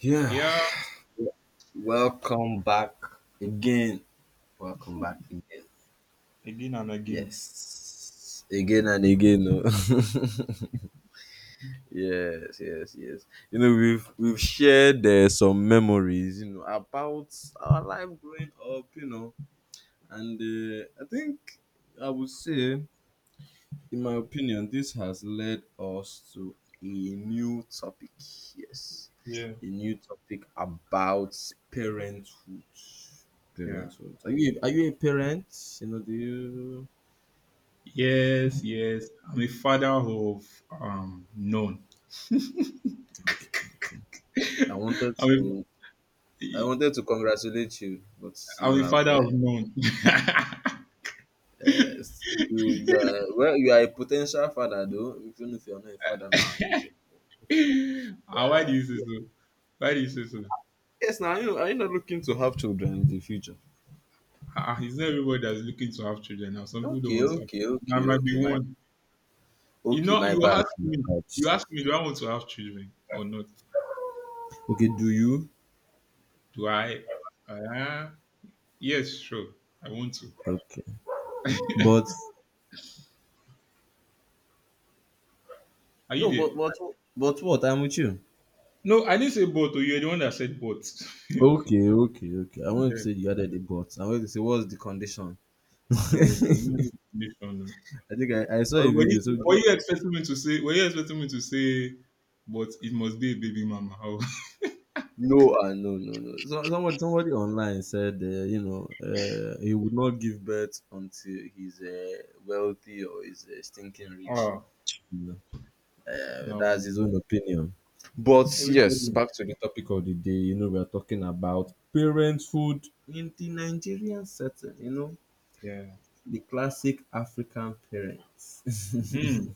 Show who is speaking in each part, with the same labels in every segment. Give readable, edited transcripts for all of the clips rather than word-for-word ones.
Speaker 1: Yeah,
Speaker 2: Yeah,
Speaker 1: welcome back again. Welcome back again.
Speaker 2: again and again.
Speaker 1: Yes,
Speaker 2: Yeah,
Speaker 1: again and again. Oh. Yes, yes, yes. We've shared some memories about our life growing up. And I think I would say. In my opinion, this has led us to a new topic. Yes,
Speaker 2: yeah,
Speaker 1: a new topic about parenthood.
Speaker 2: yeah.
Speaker 1: Parenthood. Are you a parent? You know, do you?
Speaker 2: Yes, yes. I'm a father of none.
Speaker 1: I wanted
Speaker 2: I'm
Speaker 1: to I
Speaker 2: a,
Speaker 1: wanted to congratulate you, but you
Speaker 2: I'm a
Speaker 1: have
Speaker 2: father of none.
Speaker 1: uh, you are well, you are a potential father though. Even if you are not a father now,
Speaker 2: Ah, why do you say
Speaker 1: yeah.
Speaker 2: so? Why do you say so?
Speaker 1: Yes. Now you are you not looking to have children in the future?
Speaker 2: It's not everybody that's looking to have children now. Some people don't
Speaker 1: Okay,
Speaker 2: want to have
Speaker 1: okay,
Speaker 2: children. I
Speaker 1: okay,
Speaker 2: might
Speaker 1: okay.
Speaker 2: be
Speaker 1: My
Speaker 2: one. You
Speaker 1: Okay,
Speaker 2: know,
Speaker 1: my
Speaker 2: you
Speaker 1: bad,
Speaker 2: ask
Speaker 1: my
Speaker 2: me.
Speaker 1: bad.
Speaker 2: You ask me, do I want to have children or not?
Speaker 1: Okay, do you?
Speaker 2: Do I? Ah, yes, sure. I want to.
Speaker 1: Okay. But
Speaker 2: Are you
Speaker 1: no,
Speaker 2: there?
Speaker 1: but but but what? I'm with you.
Speaker 2: No, I didn't say both. Oh, you're the one that said both.
Speaker 1: Okay, okay, okay. I wanted to
Speaker 2: Yeah.
Speaker 1: say you added the but. I wanted to say what's the condition?
Speaker 2: No, there was
Speaker 1: I
Speaker 2: no definition.
Speaker 1: think I, I saw
Speaker 2: Or
Speaker 1: a
Speaker 2: Were
Speaker 1: video. So
Speaker 2: you, were you expecting me to say? Were you expecting me to say? But it must be a baby mama.
Speaker 1: no, no, no, no. So, somebody online said he would not give birth until he's wealthy or he's stinking
Speaker 2: Oh,
Speaker 1: rich.
Speaker 2: ah,
Speaker 1: That's
Speaker 2: no.
Speaker 1: his own opinion. But yes,
Speaker 2: Everybody.
Speaker 1: back to the topic of the day. You know, we are talking about parenthood in the Nigerian setting. You know,
Speaker 2: Yeah.
Speaker 1: the classic African parents.
Speaker 2: Hmm.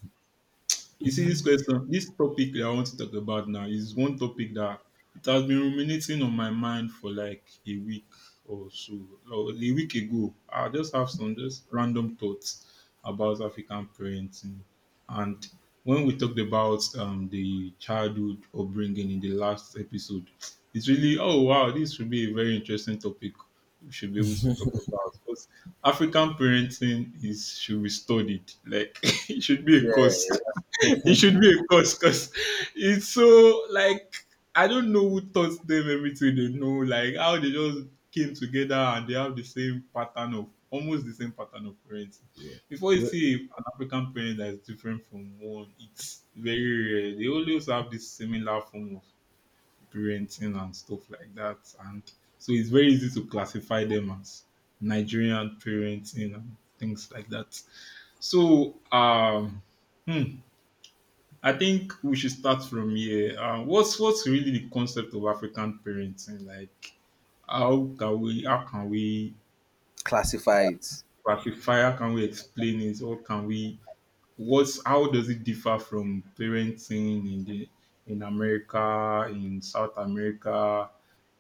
Speaker 2: You see, this question, this topic that I want to talk about now is one topic that it has been ruminating on my mind for like a week or so, or a week ago. I just have some just random thoughts about African parenting, and when we talked about the childhood upbringing in the last episode, it's really oh wow, this should be a very interesting topic. We should be able to talk about because African parenting is should be studied. Like it should be a course
Speaker 1: Yeah.
Speaker 2: it should be a course because it's so like I don't know who taught them everything they know, like how they just came together and they have the same pattern of almost the same pattern of parenting. Before you
Speaker 1: Yeah.
Speaker 2: see an African parent that is different from one, it's very rare. They always have this similar form of parenting and stuff like that, and so it's very easy to classify them as Nigerian parenting and things like that. So. Hmm, I think we should start from here. What's really the concept of African parenting? Like, how can we
Speaker 1: Classify it.
Speaker 2: classify? How can we explain it? Or can we what's how does it differ from parenting in the in America, in South America,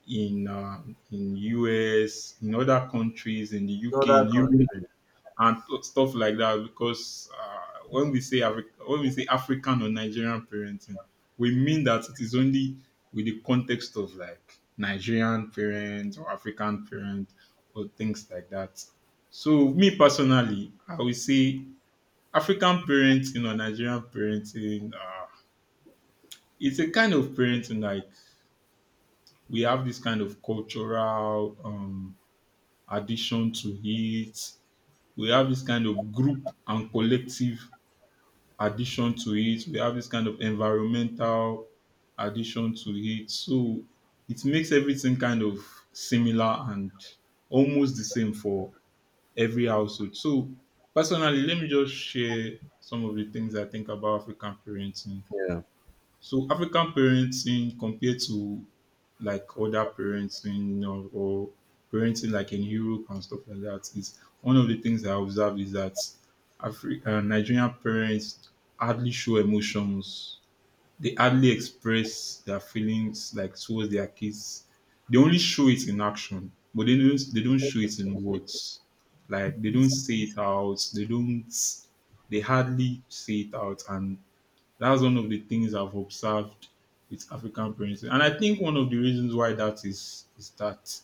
Speaker 2: in uh, in US, in other countries, in the
Speaker 1: In
Speaker 2: UK,
Speaker 1: other
Speaker 2: in Europe?
Speaker 1: countries.
Speaker 2: Stuff like that because when we say when we say African or Nigerian parenting, we mean that it is only with the context of like Nigerian parents or African parents or things like that. So me personally, I would say African parenting or Nigerian parenting, it's a kind of parenting like we have this kind of cultural addition to it. We have this kind of group and collective addition to it. We have this kind of environmental addition to it. So it makes everything kind of similar and almost the same for every household. So personally, let me just share some of the things I think about African parenting.
Speaker 1: Yeah.
Speaker 2: So African parenting compared to like other parenting or parenting like in Europe and stuff like that is one of the things I observe is that Nigerian parents hardly show emotions. They hardly express their feelings like towards their kids. They only show it in action, but they don't show it in words. Like they don't say it out. They don't. They hardly say it out, and that's one of the things I've observed with African parents. And I think one of the reasons why that is that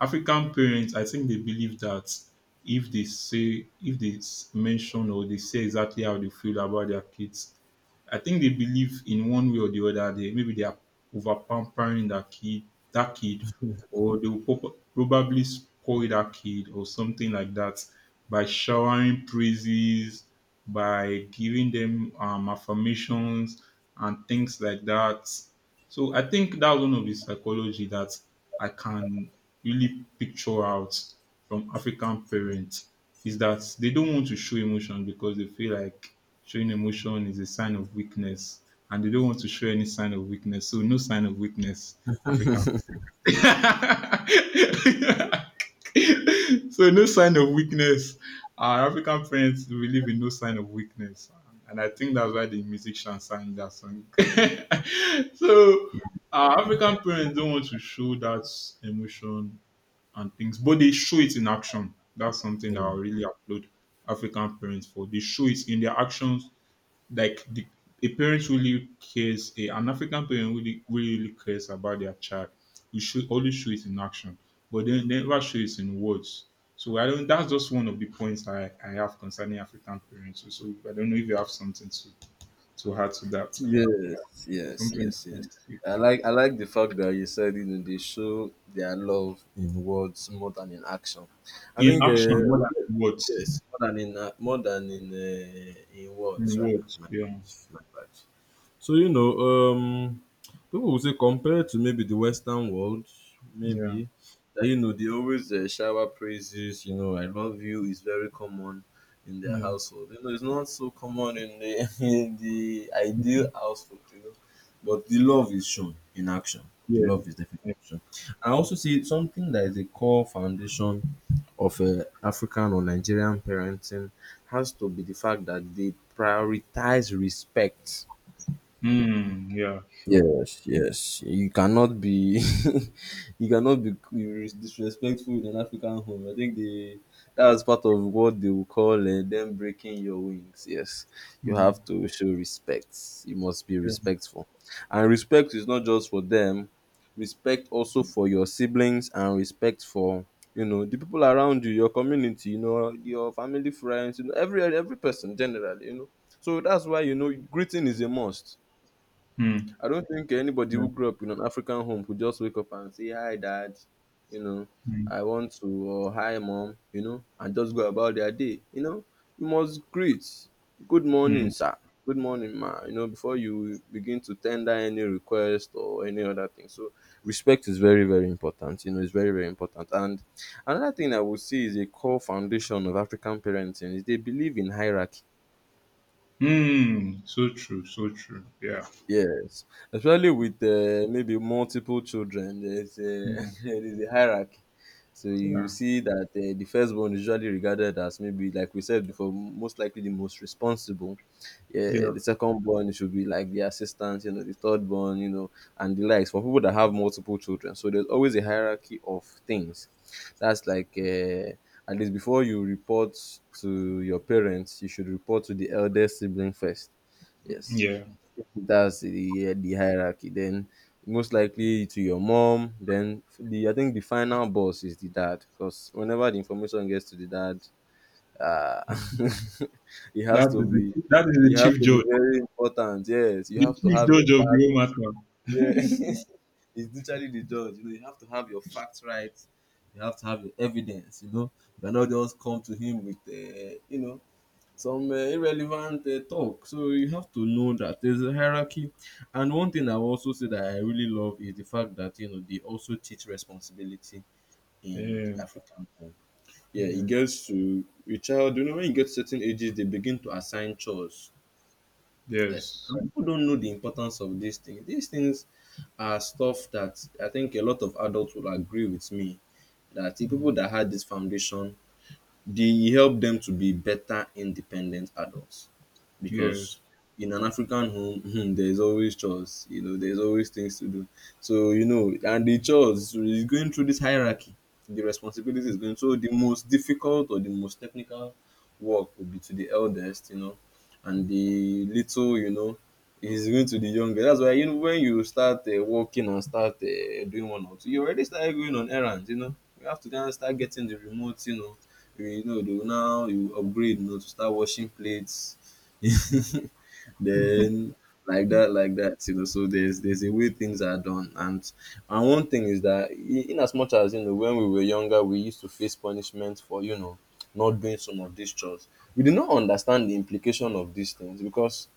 Speaker 2: African parents, I think they believe that if they say, if they s- mention or they say exactly how they feel about their kids, I think they believe in one way or the other. They maybe they are over pampering that kid, that kid, or they will probably spoil that kid or something like that by showering praises, by giving them affirmations and things like that. So I think that's one of the psychology that I can really picture out from African parents is that they don't want to show emotion because they feel like showing emotion is a sign of weakness and they don't want to show any sign of weakness. So no sign of weakness, African so no sign of weakness. Our African parents believe in no sign of weakness, and I think that's why the musician sang that song. So our African parents don't want to show that emotion and things, but they show it in action. That's something that I
Speaker 1: Yeah.
Speaker 2: really applaud African parents for. They show it in their actions like the a parent really cares a, an african parent really really really cares about their child we should always show it in action but then never show it in words so I don't that's just one of the points i have concerning african parents so I don't know if you have something to add to that
Speaker 1: Yes, yes,
Speaker 2: something
Speaker 1: yes, yes. I like the fact that you said you know they show their love in words more than in action. I
Speaker 2: in
Speaker 1: think
Speaker 2: action more than
Speaker 1: yes, more than in in
Speaker 2: in
Speaker 1: words rather.
Speaker 2: words
Speaker 1: My
Speaker 2: yeah
Speaker 1: bad, my bad. So, you know, um, people will say, compared to maybe the Western world,
Speaker 2: yeah
Speaker 1: maybe that you know they always shower praises. You know, I love you is very common in their
Speaker 2: yeah
Speaker 1: household. You know, it's not so common in the in the ideal household. You know, but the love is shown in action. The
Speaker 2: yeah
Speaker 1: love is definitely
Speaker 2: yeah,
Speaker 1: shown. I also see something that is a core foundation of African or Nigerian parenting has to be the fact that they prioritize respect.
Speaker 2: mm, yeah sure
Speaker 1: Yes, yes. You cannot be, you cannot be disrespectful in an African home. I think they, that's part of what they will call them breaking your wings. Yes, you
Speaker 2: mm,
Speaker 1: have to show respect. You must be
Speaker 2: yeah.
Speaker 1: respectful, and respect is not just for them. Respect also for your siblings, and respect for you know the people around you, your community, you know your family, friends, you know every person generally. You know, so that's why you know greeting is a must.
Speaker 2: Mm,
Speaker 1: I don't think anybody
Speaker 2: yeah.
Speaker 1: who grew up in an African home could just wake up and say, Hi, dad, you know,
Speaker 2: Mm,
Speaker 1: I want to, or Hi, mom, you know, and just go about their day. You know, you must greet. Good morning,
Speaker 2: mm.
Speaker 1: sir. Good morning, ma. You know, before you begin to tender any request or any other thing. So, respect is very, very important. You know, it's very, very important. And another thing I would see is a core foundation of African parenting is they believe in hierarchy.
Speaker 2: Hmm. So true, so true. Yeah,
Speaker 1: Yes, especially with maybe multiple children, there's a
Speaker 2: yeah.
Speaker 1: there's a hierarchy. So you
Speaker 2: Yeah,
Speaker 1: see that the firstborn is usually regarded as maybe, like we said before, most likely the most responsible. Yeah,
Speaker 2: yeah,
Speaker 1: the secondborn should be like the assistant, you know, the thirdborn, you know, and the likes for people that have multiple children. So there's always a hierarchy of things. That's like at least before you report to your parents, you should report to the eldest sibling first. Yes,
Speaker 2: yeah.
Speaker 1: that's the hierarchy. Then most likely to your mom. Then the, I think the final boss is the dad, because whenever the information gets to the dad, uh, it has to be
Speaker 2: That is
Speaker 1: it has to be very important. Yes, you
Speaker 2: the
Speaker 1: have to
Speaker 2: chief
Speaker 1: have your
Speaker 2: judge of the
Speaker 1: fact.
Speaker 2: whole
Speaker 1: Yeah,
Speaker 2: matter.
Speaker 1: it's literally the judge. You know, you have to have your facts right. You have to have your evidence. You know, you cannot just come to him with you know some irrelevant talk. So you have to know that there's a hierarchy. And one thing I've also said that I really love is the fact that you know they also teach responsibility in the
Speaker 2: Yeah,
Speaker 1: African home. Yeah, it
Speaker 2: yeah.
Speaker 1: gets to your child. You know, when you get certain ages, they begin to assign chores. Yes,
Speaker 2: Yes.
Speaker 1: and people don't know the importance of these things. These things are stuff that I think a lot of adults will agree with me, that the
Speaker 2: Mm.
Speaker 1: people that had this foundation, they help them to be better independent adults,
Speaker 2: Yes.
Speaker 1: because in an African home, there's always chores, you know, there's always things to do. So, you know, and the chores is going through this hierarchy, the responsibility is going. So, the most difficult or the most technical work will be to the eldest, you know, and the little, you know, is going to the younger. That's why, you know, when you start working and start doing one or two, you already start going on errands, you know, you have to kind of start getting the remote, you know, you know, though, now you upgrade, you know, to start washing plates. Then like that, you know. So there's a way things are done, and one thing is that in as much as you know, when we were younger, we used to face punishment for you know not doing some of these chores. We did not understand the implication of these things because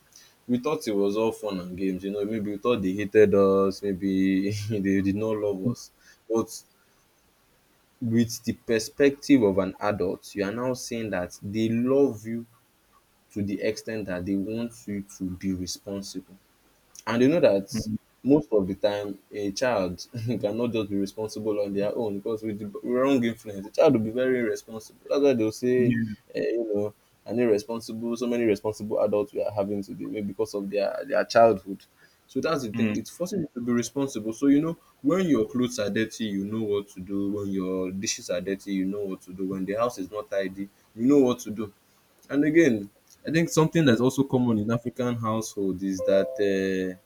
Speaker 1: we thought it was all fun and games. You know, maybe we thought they hated us, maybe they did not love us, but with the perspective of an adult, you are now saying that they love you to the extent that they want you to be responsible. And you know that
Speaker 2: Mm.
Speaker 1: most of the time, a child cannot just be responsible on their own, because with the wrong influence, the child will be very irresponsible. That's why they'll say,
Speaker 2: Yes.
Speaker 1: you know, an irresponsible, so many responsible adults we are having today, maybe because of their childhood. So that's the
Speaker 2: Mm.
Speaker 1: thing. It's forcing you to be responsible. So, you know, when your clothes are dirty, you know what to do. When your dishes are dirty, you know what to do. When the house is not tidy, you know what to do. And again, I think something that's also common in African household is that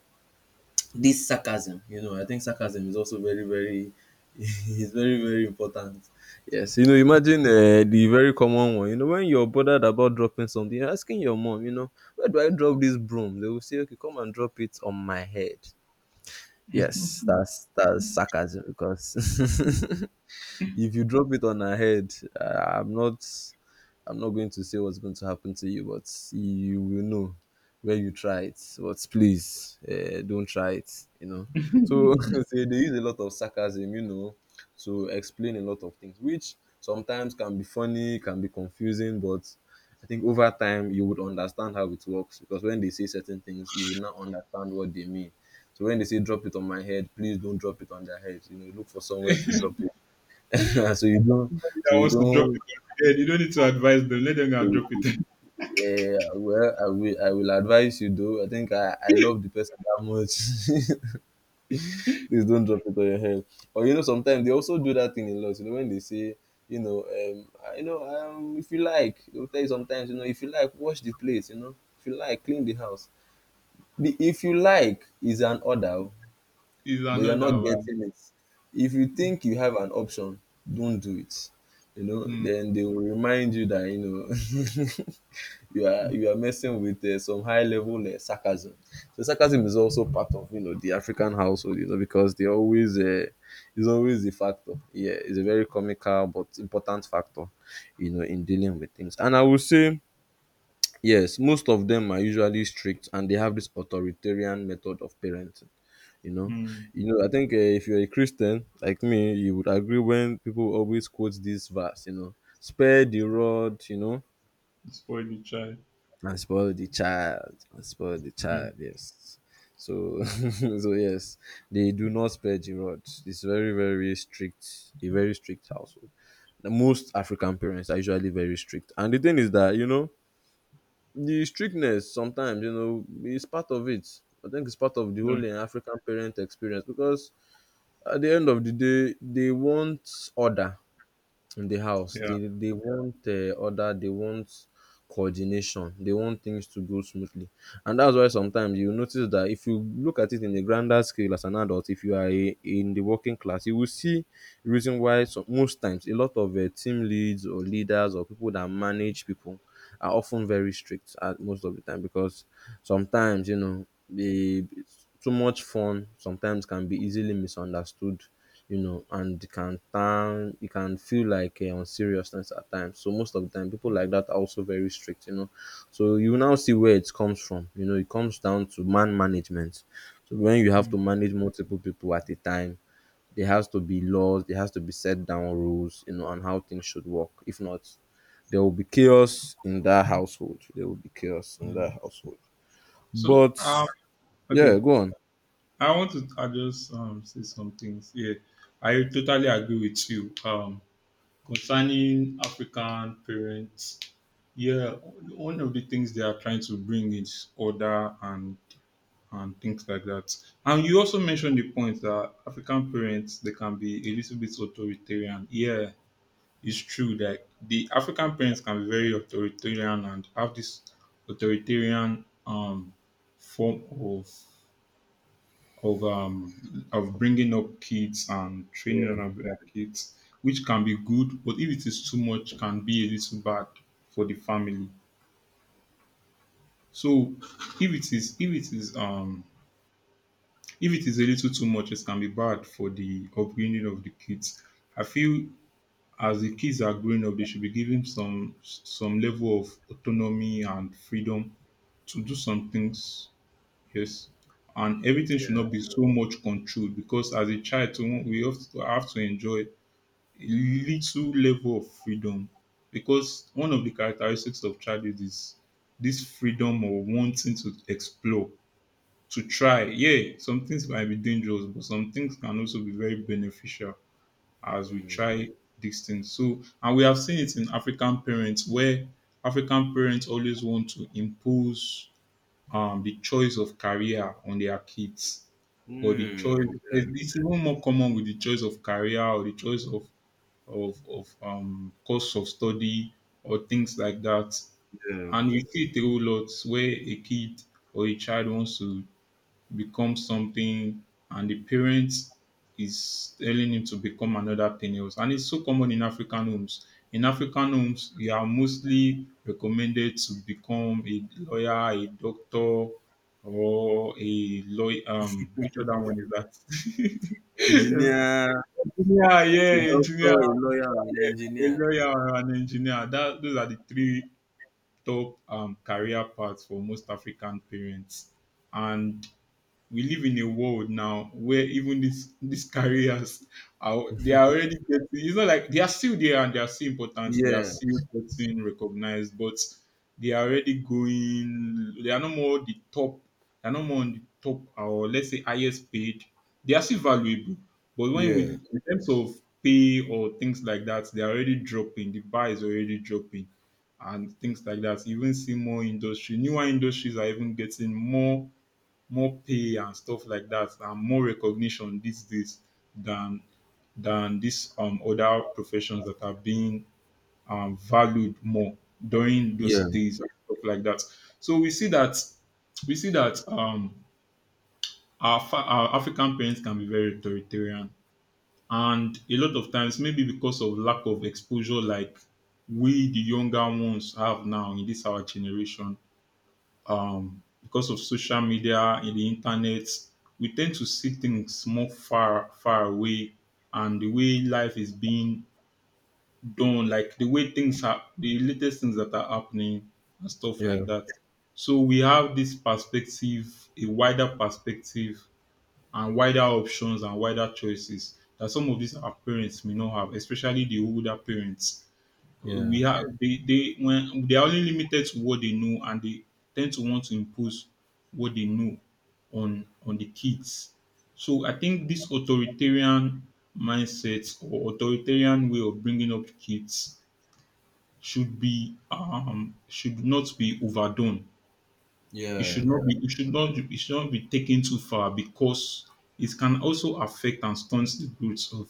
Speaker 1: this sarcasm, you know, I think sarcasm is also very very is very very important. Yes, you know, imagine the very common one. You know, when you're bothered about dropping something, you're asking your mom, you know, where do I drop this broom? They will say, okay, come and drop it on my head. Yes, that's sarcasm because if you drop it on her head, uh, I'm not I'm not going to say what's going to happen to you, but you will know when you try it. But please, don't try it. You know. So they use a lot of sarcasm, you know, to explain a lot of things, which sometimes can be funny, can be confusing, but I think over time you would understand how it works, because when they say certain things, you would not understand what they mean. So when they say drop it on my head, please don't drop it on their head. You know, look for somewhere to drop it. so you don't
Speaker 2: Somebody
Speaker 1: so
Speaker 2: that
Speaker 1: you
Speaker 2: wants to drop
Speaker 1: don't
Speaker 2: it on the head, you don't need to advise them. Let them go and drop it.
Speaker 1: yeah, well I will advise you though. I think I love the person that much. Please don't drop it on your head. Or you know, sometimes they also do that thing a lot, you know, when they say, you know, if you like, they'll tell you sometimes, you know, if you like, wash the place, you know. If you like, clean the house. The if you like is an order,
Speaker 2: Is
Speaker 1: but you're not
Speaker 2: another one.
Speaker 1: getting it. If you think you have an option, don't do it. You know,
Speaker 2: Mm.
Speaker 1: then they will remind you that, you know you are messing with some high level sarcasm. So sarcasm is also part of you know the African household, you know, because they always is always a factor. Yeah, it's a very comical but important factor, you know, in dealing with things. And I would say yes, most of them are usually strict and they have this authoritarian method of parenting. You know,
Speaker 2: Mm.
Speaker 1: you know. I think if you're a Christian like me, you would agree when people always quote this verse. You know, spare the rod. You know,
Speaker 2: Spoil the child.
Speaker 1: and spoil the child and spoil the
Speaker 2: Mm.
Speaker 1: child, yes. So so yes, they do not spare the rod. It's very, very strict, a very strict household. The most African parents are usually very strict, and the thing is that you know the strictness sometimes, you know, is part of it. I think it's part of the
Speaker 2: Yeah.
Speaker 1: whole African parent experience, because at the end of the day they want order in the house.
Speaker 2: Yeah.
Speaker 1: They want order. They want coordination. They want things to go smoothly, and that's why sometimes you notice that if you look at it in a grander scale as an adult, if you are a, in the working class, you will see reason why some, most times a lot of team leads or leaders or people that manage people are often very strict at most of the time, because sometimes you know the too much fun sometimes can be easily misunderstood, you know, and it can turn, it can feel like unseriousness at times. So most of the time, people like that are also very strict, you know. So you now see where it comes from. You know, it comes down to man management. So when you have to
Speaker 2: Mm.
Speaker 1: manage multiple people at a time, there has to be laws, there has to be set down rules, you know, on how things should work. If not, there will be chaos in that household. There will be chaos in
Speaker 2: Mm.
Speaker 1: that household.
Speaker 2: So
Speaker 1: But yeah,
Speaker 2: okay.
Speaker 1: go on.
Speaker 2: I want to I just say some things. Yeah, I totally agree with you concerning African parents. Yeah, one of the things they are trying to bring is order and things like that. And you also mentioned the point that African parents they can be a little bit authoritarian. Yeah, it's true that the African parents can be very authoritarian and have this authoritarian form of bringing up kids and training them
Speaker 1: Yeah.
Speaker 2: up their kids, which can be good, but if it is too much, can be a little bad for the family. So if it is if it is um if it is a little too much, it can be bad for the upbringing of the kids. I feel as the kids are growing up, they should be given some level of autonomy and freedom to do some things. Yes. And everything should not be so much controlled because as a child, too, have to enjoy a little level of freedom because one of the characteristics of childhood is this freedom of wanting to explore, to try. Yeah, some things might be dangerous, but some things can also be very beneficial as we try these things. So, and we have seen it in African parents where African parents always want to impose the choice of career on their kids or the
Speaker 1: Hmm,
Speaker 2: choice
Speaker 1: yeah,
Speaker 2: it's even more common with the choice of career or the choice of course of study or things like that
Speaker 1: yeah.
Speaker 2: and we see it a whole lot where a kid or a child wants to become something and the parent is telling him to become another thing else. And it's so common in African homes. In African homes, you are mostly recommended to become a lawyer, a doctor, or a lawyer. Which other one is that?
Speaker 1: Engineer.
Speaker 2: Engineer,
Speaker 1: A
Speaker 2: yeah,
Speaker 1: doctor,
Speaker 2: engineer,
Speaker 1: a lawyer, an
Speaker 2: yeah, a
Speaker 1: engineer.
Speaker 2: lawyer or an engineer. That those are the three top career paths for most African parents. And we live in a world now where even these careers are they are already getting it's not like they are still there and they are still important they are
Speaker 1: Yeah,
Speaker 2: still getting recognized but they are already going they are no more the top they are no more on the top or let's say highest paid they are still valuable but when
Speaker 1: yeah,
Speaker 2: we in terms of pay or things like that they are already dropping the bar is already dropping and things like that you even see more industry newer industries are even getting more more pay and stuff like that and more recognition these days than than these other professions that are being valued more during those
Speaker 1: yeah,
Speaker 2: days and stuff like that. So we see that our, fa- our African parents can be very authoritarian, and a lot of times maybe because of lack of exposure, like we the younger ones have now in this our generation because of social media in the internet, we tend to see things more far far away, and the way life is being done, like the way things are, the latest things that are happening and stuff
Speaker 1: yeah,
Speaker 2: like that. So we have this perspective, a wider perspective, and wider options and wider choices that some of these our parents may not have, especially the older parents
Speaker 1: yeah.
Speaker 2: we have they when they are only limited to what they know, and they tend to want to impose what they know on the kids. So I think this authoritarian mindset or authoritarian way of bringing up kids should be should not be overdone. it
Speaker 1: Yeah,
Speaker 2: should not be it should not it should not be taken too far, because it can also affect and stunt the growth of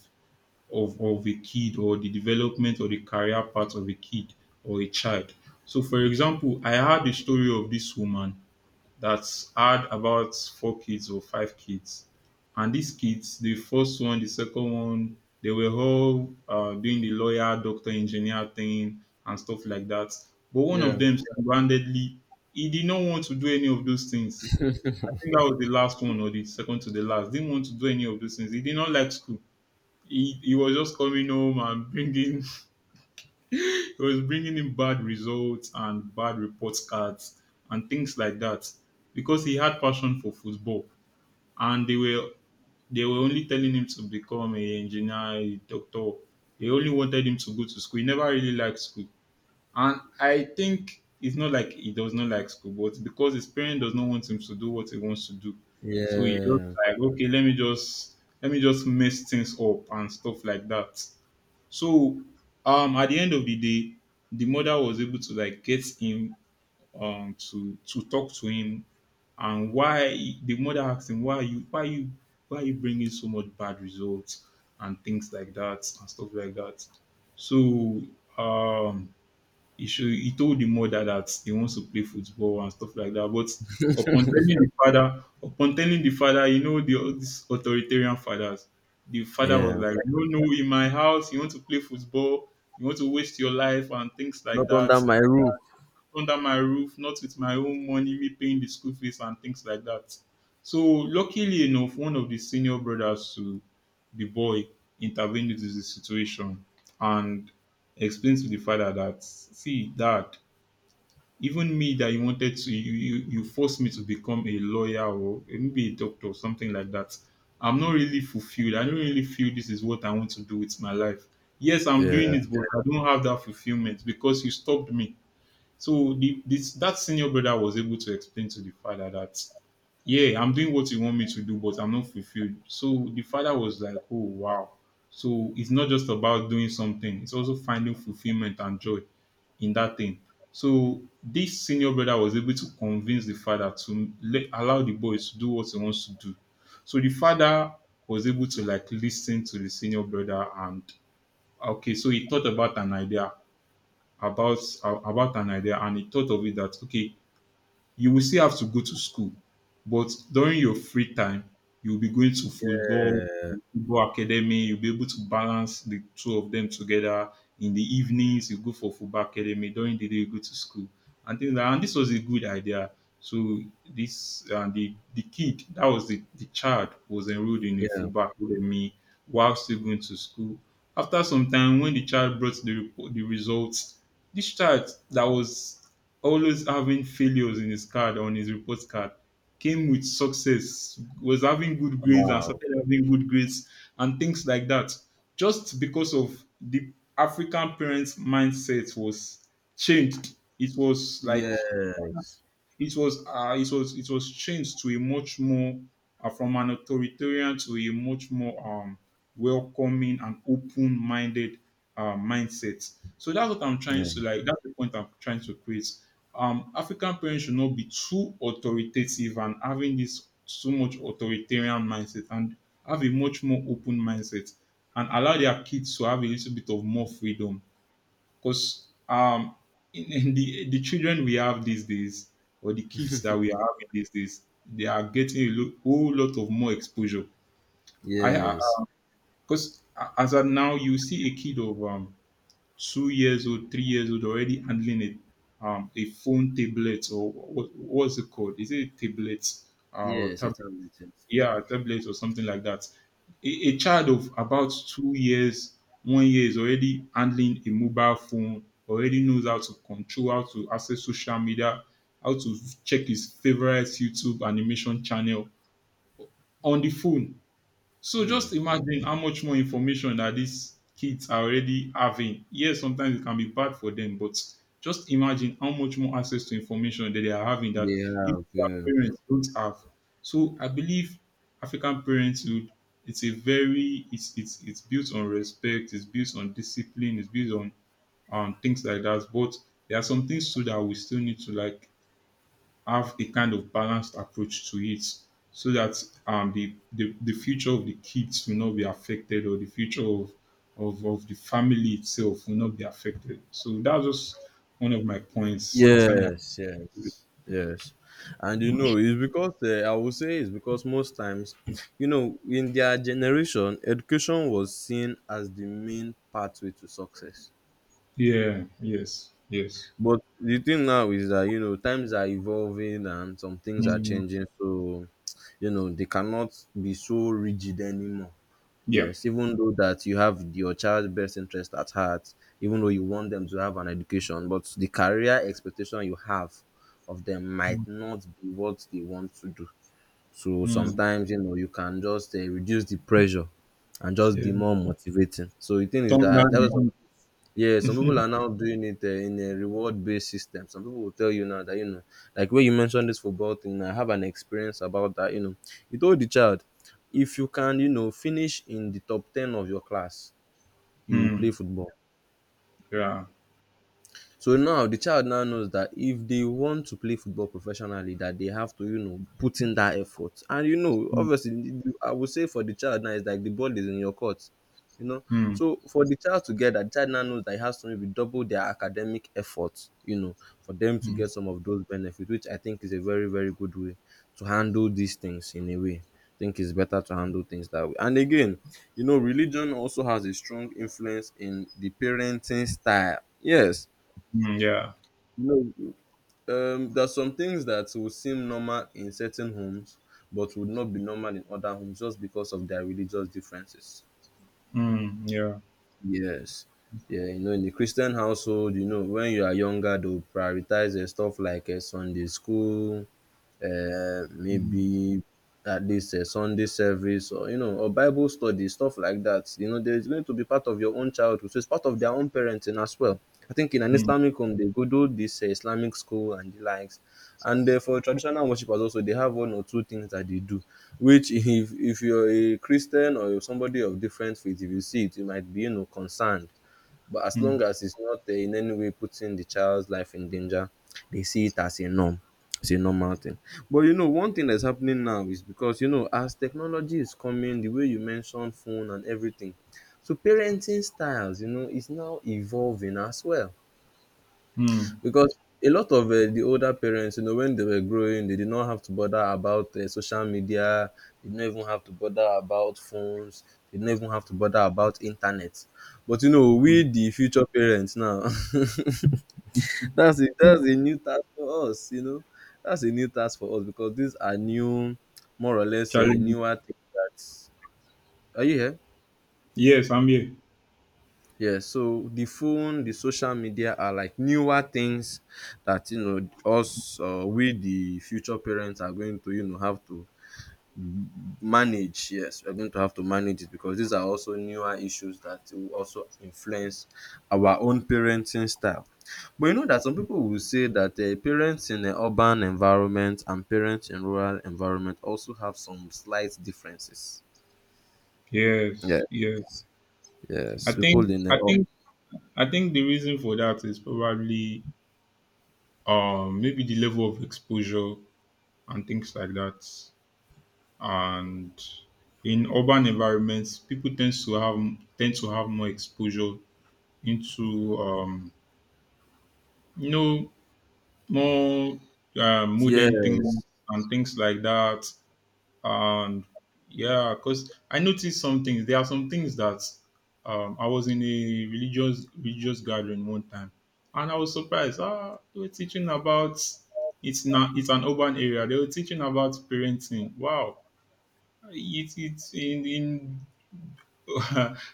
Speaker 2: a kid, or the development or the career path of a kid or a child. So, for example, I had a story of this woman that had about four kids or five kids. And these kids, the first one, the second one, they were all doing the lawyer, doctor, engineer thing and stuff like that. But one of
Speaker 1: yeah,
Speaker 2: them, single-handedly, he did not want to do any of those things. I think that was the last one or the second to the last. Didn't want to do any of those things. He did not like school. He was just coming home and bringing he was bringing in bad results and bad report cards and things like that, because he had passion for football. And they were only telling him to become a engineer, a doctor. They only wanted him to go to school. He never really liked school. And I think it's not like he does not like school, but because his parent does not want him to do what he wants to do. So he just
Speaker 1: yeah,
Speaker 2: like, okay, let me just mess things up and stuff like that. So at the end of the day, the mother was able to like get him, to talk to him. And why, the mother asked him, why are you bringing so much bad results and things like that and stuff like that. So um he should he told the mother that he wants to play football and stuff like that. But upon telling the father, you know, the all these authoritarian fathers, the father was
Speaker 1: yeah.
Speaker 2: like, "No, no, in my house, you want to play football, you want to waste your life and things
Speaker 1: Not
Speaker 2: like that.
Speaker 1: under my roof.
Speaker 2: Under my roof, not with my own money, me paying the school fees and things like that." So luckily enough, one of the senior brothers to the boy intervened into the situation and explained to the father that, "See, dad, even me that you wanted to you you you forced me to become a lawyer or maybe a doctor or something like that. I'm not really fulfilled. I don't really feel this is what I want to do with my life. Yes, I'm
Speaker 1: Yeah.
Speaker 2: doing it, but I don't have that fulfillment because you stopped me." So this that senior brother was able to explain to the father that, "Yeah, I'm doing what you want me to do, but I'm not fulfilled." So the father was like, "Oh wow. So it's not just about doing something, it's also finding fulfillment and joy in that thing." So this senior brother was able to convince the father to allow the boy to do what he wants to do. So the father was able to like listen to the senior brother and okay, so he thought about an idea about and he thought of it that, okay, you will still have to go to school, but during your free time, you'll be going to football,
Speaker 1: Yeah.
Speaker 2: football academy. You'll be able to balance the two of them together. In the evenings, you go for football academy. During the day, you go to school and things. Like, and this was a good idea. So this the kid that was the child was enrolled in a
Speaker 1: Yeah.
Speaker 2: football academy while still going to school. After some time, when the child brought the report, the results, this child that was always having failures in his card on his report card came with success, was having good grades and
Speaker 1: Wow.
Speaker 2: started having good grades and things like that, just because of the African parents' mindset was changed. It was like
Speaker 1: Yes.
Speaker 2: it was changed to a much more from an authoritarian to a much more welcoming and open-minded mindset. So that's what I'm trying
Speaker 1: Yeah.
Speaker 2: to like. That's the point I'm trying to create. African parents should not be too authoritative and having this so much authoritarian mindset, and have a much more open mindset and allow their kids to have a little bit of more freedom, because in, the children we have these days, or the kids that we are having these days, they are getting whole lot of more exposure. I,
Speaker 1: Yes.
Speaker 2: because as of now, you see a kid of 2 years old, 3 years old, already handling it. A phone, tablet, or what, what's it called? Is it a tablet or
Speaker 1: Yes.
Speaker 2: tablet?
Speaker 1: It's amazing.
Speaker 2: Yeah, tablets or something like that. A child of about 2 years, one year, is already handling a mobile phone, already knows how to control, how to access social media, how to check his favorite YouTube animation channel on the phone. So
Speaker 1: Hmm.
Speaker 2: just imagine how much more information that these kids are already having. Yes, sometimes it can be bad for them, but just imagine how much more access to information that they are having that
Speaker 1: They
Speaker 2: if
Speaker 1: have,
Speaker 2: their
Speaker 1: yeah.
Speaker 2: parents don't have. So I believe African parenthood, it's a very it's built on respect, it's built on discipline, it's built on things like that. But there are some things too that we still need to like have a kind of balanced approach to it, so that the future of the kids will not be affected, or the future of, of the family itself will not be affected. So that's just one of my points concerning.
Speaker 1: Yes, yes, yes. And you know, it's because I would say it's because most times, you know, in their generation, education was seen as the main pathway to success.
Speaker 2: Yeah, yes, yes.
Speaker 1: But the thing now is that, you know, times are evolving and some things are
Speaker 2: Mm,
Speaker 1: changing. So, you know, they cannot be so rigid anymore.
Speaker 2: yeah.
Speaker 1: Yes, even though that you have your child's best interest at heart, even though you want them to have an education, but the career expectation you have of them might not be what they want to do. So
Speaker 2: Mm,
Speaker 1: sometimes you know you can just reduce the pressure and just be
Speaker 2: yeah.
Speaker 1: more motivating. So the thing is
Speaker 2: Turn
Speaker 1: that that was
Speaker 2: down
Speaker 1: yeah,
Speaker 2: the
Speaker 1: some
Speaker 2: heat.
Speaker 1: people are now doing it in a reward-based system. Some people will tell you now that you know, like when you mentioned this football thing, I have an experience about that. You know, you told the child, if you can, you know, finish in the top ten of your class, you will play
Speaker 2: Mm,
Speaker 1: football.
Speaker 2: yeah.
Speaker 1: So now the child now knows that if they want to play football professionally, that they have to, you know, put in that effort, and you know
Speaker 2: Mm,
Speaker 1: obviously I would say for the child now it's like the ball is in your court, you know, so for the child to get that, the child now knows that it has to maybe double their academic effort, you know, for them to
Speaker 2: mm,
Speaker 1: get some of those benefits, which I think is a very, very good way to handle these things. In a way I think it's better to handle things that way. And again, you know, religion also has a strong influence in the parenting style, yes.
Speaker 2: mm, yeah.
Speaker 1: No, there are some things that will seem normal in certain homes, but would not be normal in other homes just because of their religious differences.
Speaker 2: Mm, yeah.
Speaker 1: Yes. Yeah, you know, in the Christian household, you know, when you are younger, they'll prioritize stuff like Sunday school,
Speaker 2: Mm,
Speaker 1: maybe at least a Sunday service or you know, or Bible study, stuff like that. You know, there's going to be part of your own childhood. So it's part of their own parenting as well. I think in an
Speaker 2: mm,
Speaker 1: Islamic home they go do this Islamic school and the likes. And for traditional worshippers also they have one or two things that they do. Which if you're a Christian or you're somebody of different faith, if you see it, you might be you know concerned. But as
Speaker 2: mm,
Speaker 1: long as it's not in any way putting the child's life in danger, they see it as a norm. It's a normal thing. But you know, one thing that's happening now is because you know, as technology is coming, the way you mentioned phone and everything, so parenting styles, you know, is now evolving as well.
Speaker 2: mm,
Speaker 1: Because a lot of, the older parents, you know, when they were growing, they did not have to bother about, social media, they did not even have to bother about phones, they did not even have to bother about internet. But, you know, we
Speaker 2: mm.
Speaker 1: the future parents now, that's a new task for us, you know. That's a new task for us because these are new, more or less,
Speaker 2: Charlie,
Speaker 1: newer things that Are you here?
Speaker 2: yes, I'm here.
Speaker 1: Yeah, so the phone, the social media are like newer things that you know us we the future parents are going to you know have to manage. Yes, we're going to have to manage it because these are also newer issues that will also influence our own parenting style. But you know that some people will say that parents in an urban environment and parents in rural environment also have some slight differences. Yeah.
Speaker 2: Yes, yes. I
Speaker 1: Yes,
Speaker 2: think
Speaker 1: people in
Speaker 2: I
Speaker 1: the
Speaker 2: think I think the reason for that is probably maybe the level of exposure and things like that. And in urban environments, people tend to have more exposure into you know, more modern things
Speaker 1: yes,
Speaker 2: and things like that. And yeah, because I noticed some things. There are some things that, I was in a religious gathering one time, and I was surprised. Ah, they were teaching about, it's not, it's an urban area. They were teaching about parenting. Wow, it it's in in.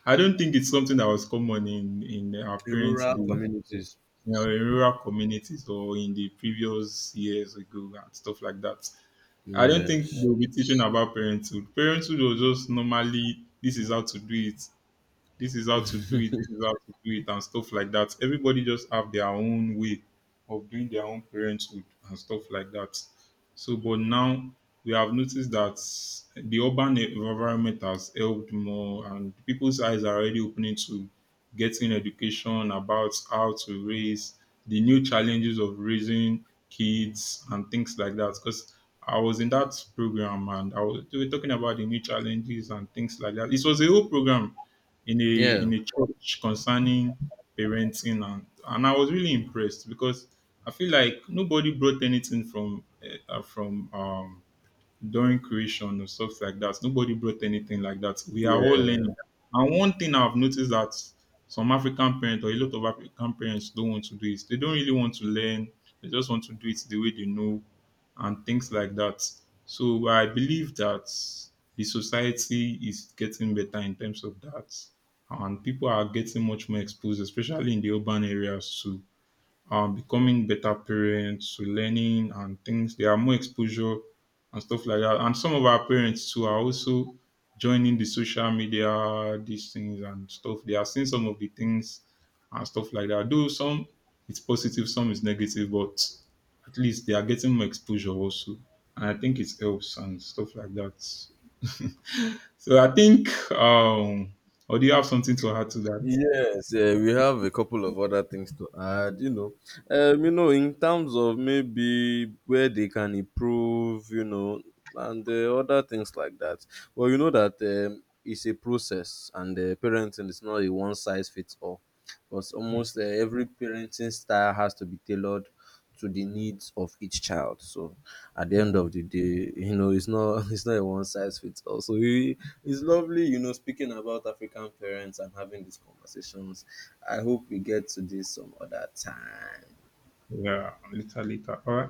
Speaker 2: I don't think it's something that was common in our
Speaker 1: in
Speaker 2: parents'
Speaker 1: rural
Speaker 2: day, you
Speaker 1: communities.
Speaker 2: know, in rural communities or in the previous years ago and stuff like that. I don't think
Speaker 1: Yes.
Speaker 2: they'll be teaching about parenthood. Parenthood was just normally, this is how to do it, this is how to do it this is how to do it and stuff like that. Everybody just have their own way of doing their own parenthood and stuff like that. So but now we have noticed that the urban environment has helped more, and people's eyes are already opening to getting education about how to raise, the new challenges of raising kids and things like that. Because I was in that program, and I was, they were talking about the new challenges and things like that. It was a whole program in a,
Speaker 1: Yeah.
Speaker 2: in a church concerning parenting. And I was really impressed, because I feel like nobody brought anything from during creation or stuff like that. Nobody brought anything like that. We
Speaker 1: Yeah.
Speaker 2: are all learning. And one thing I've noticed that some African parents or a lot of African parents don't want to do, is they don't really want to learn. They just want to do it the way they know and things like that. So I believe that the society is getting better in terms of that. And people are getting much more exposed, especially in the urban areas, to becoming better parents, to learning and things. There are more exposure and stuff like that. And some of our parents too are also joining the social media, these things and stuff. They are seeing some of the things and stuff like that. Though some it's positive, some is negative, but at least they are getting more exposure also. And I think it helps and stuff like that. So I think or do you have something to add to that?
Speaker 1: Yes, yeah, we have a couple of other things to add, you know. You know, in terms of maybe where they can improve, you know, and other things like that. Well, you know that it's a process, and parenting is not a one size fits all, because almost every parenting style has to be tailored to the needs of each child. So at the end of
Speaker 2: Um,
Speaker 1: the day, you know, it's not it's not a one size fits all. So it- it's lovely, you know, speaking about African parents and having these conversations. I hope we get to this some other time.
Speaker 2: yeah, later, later. All right.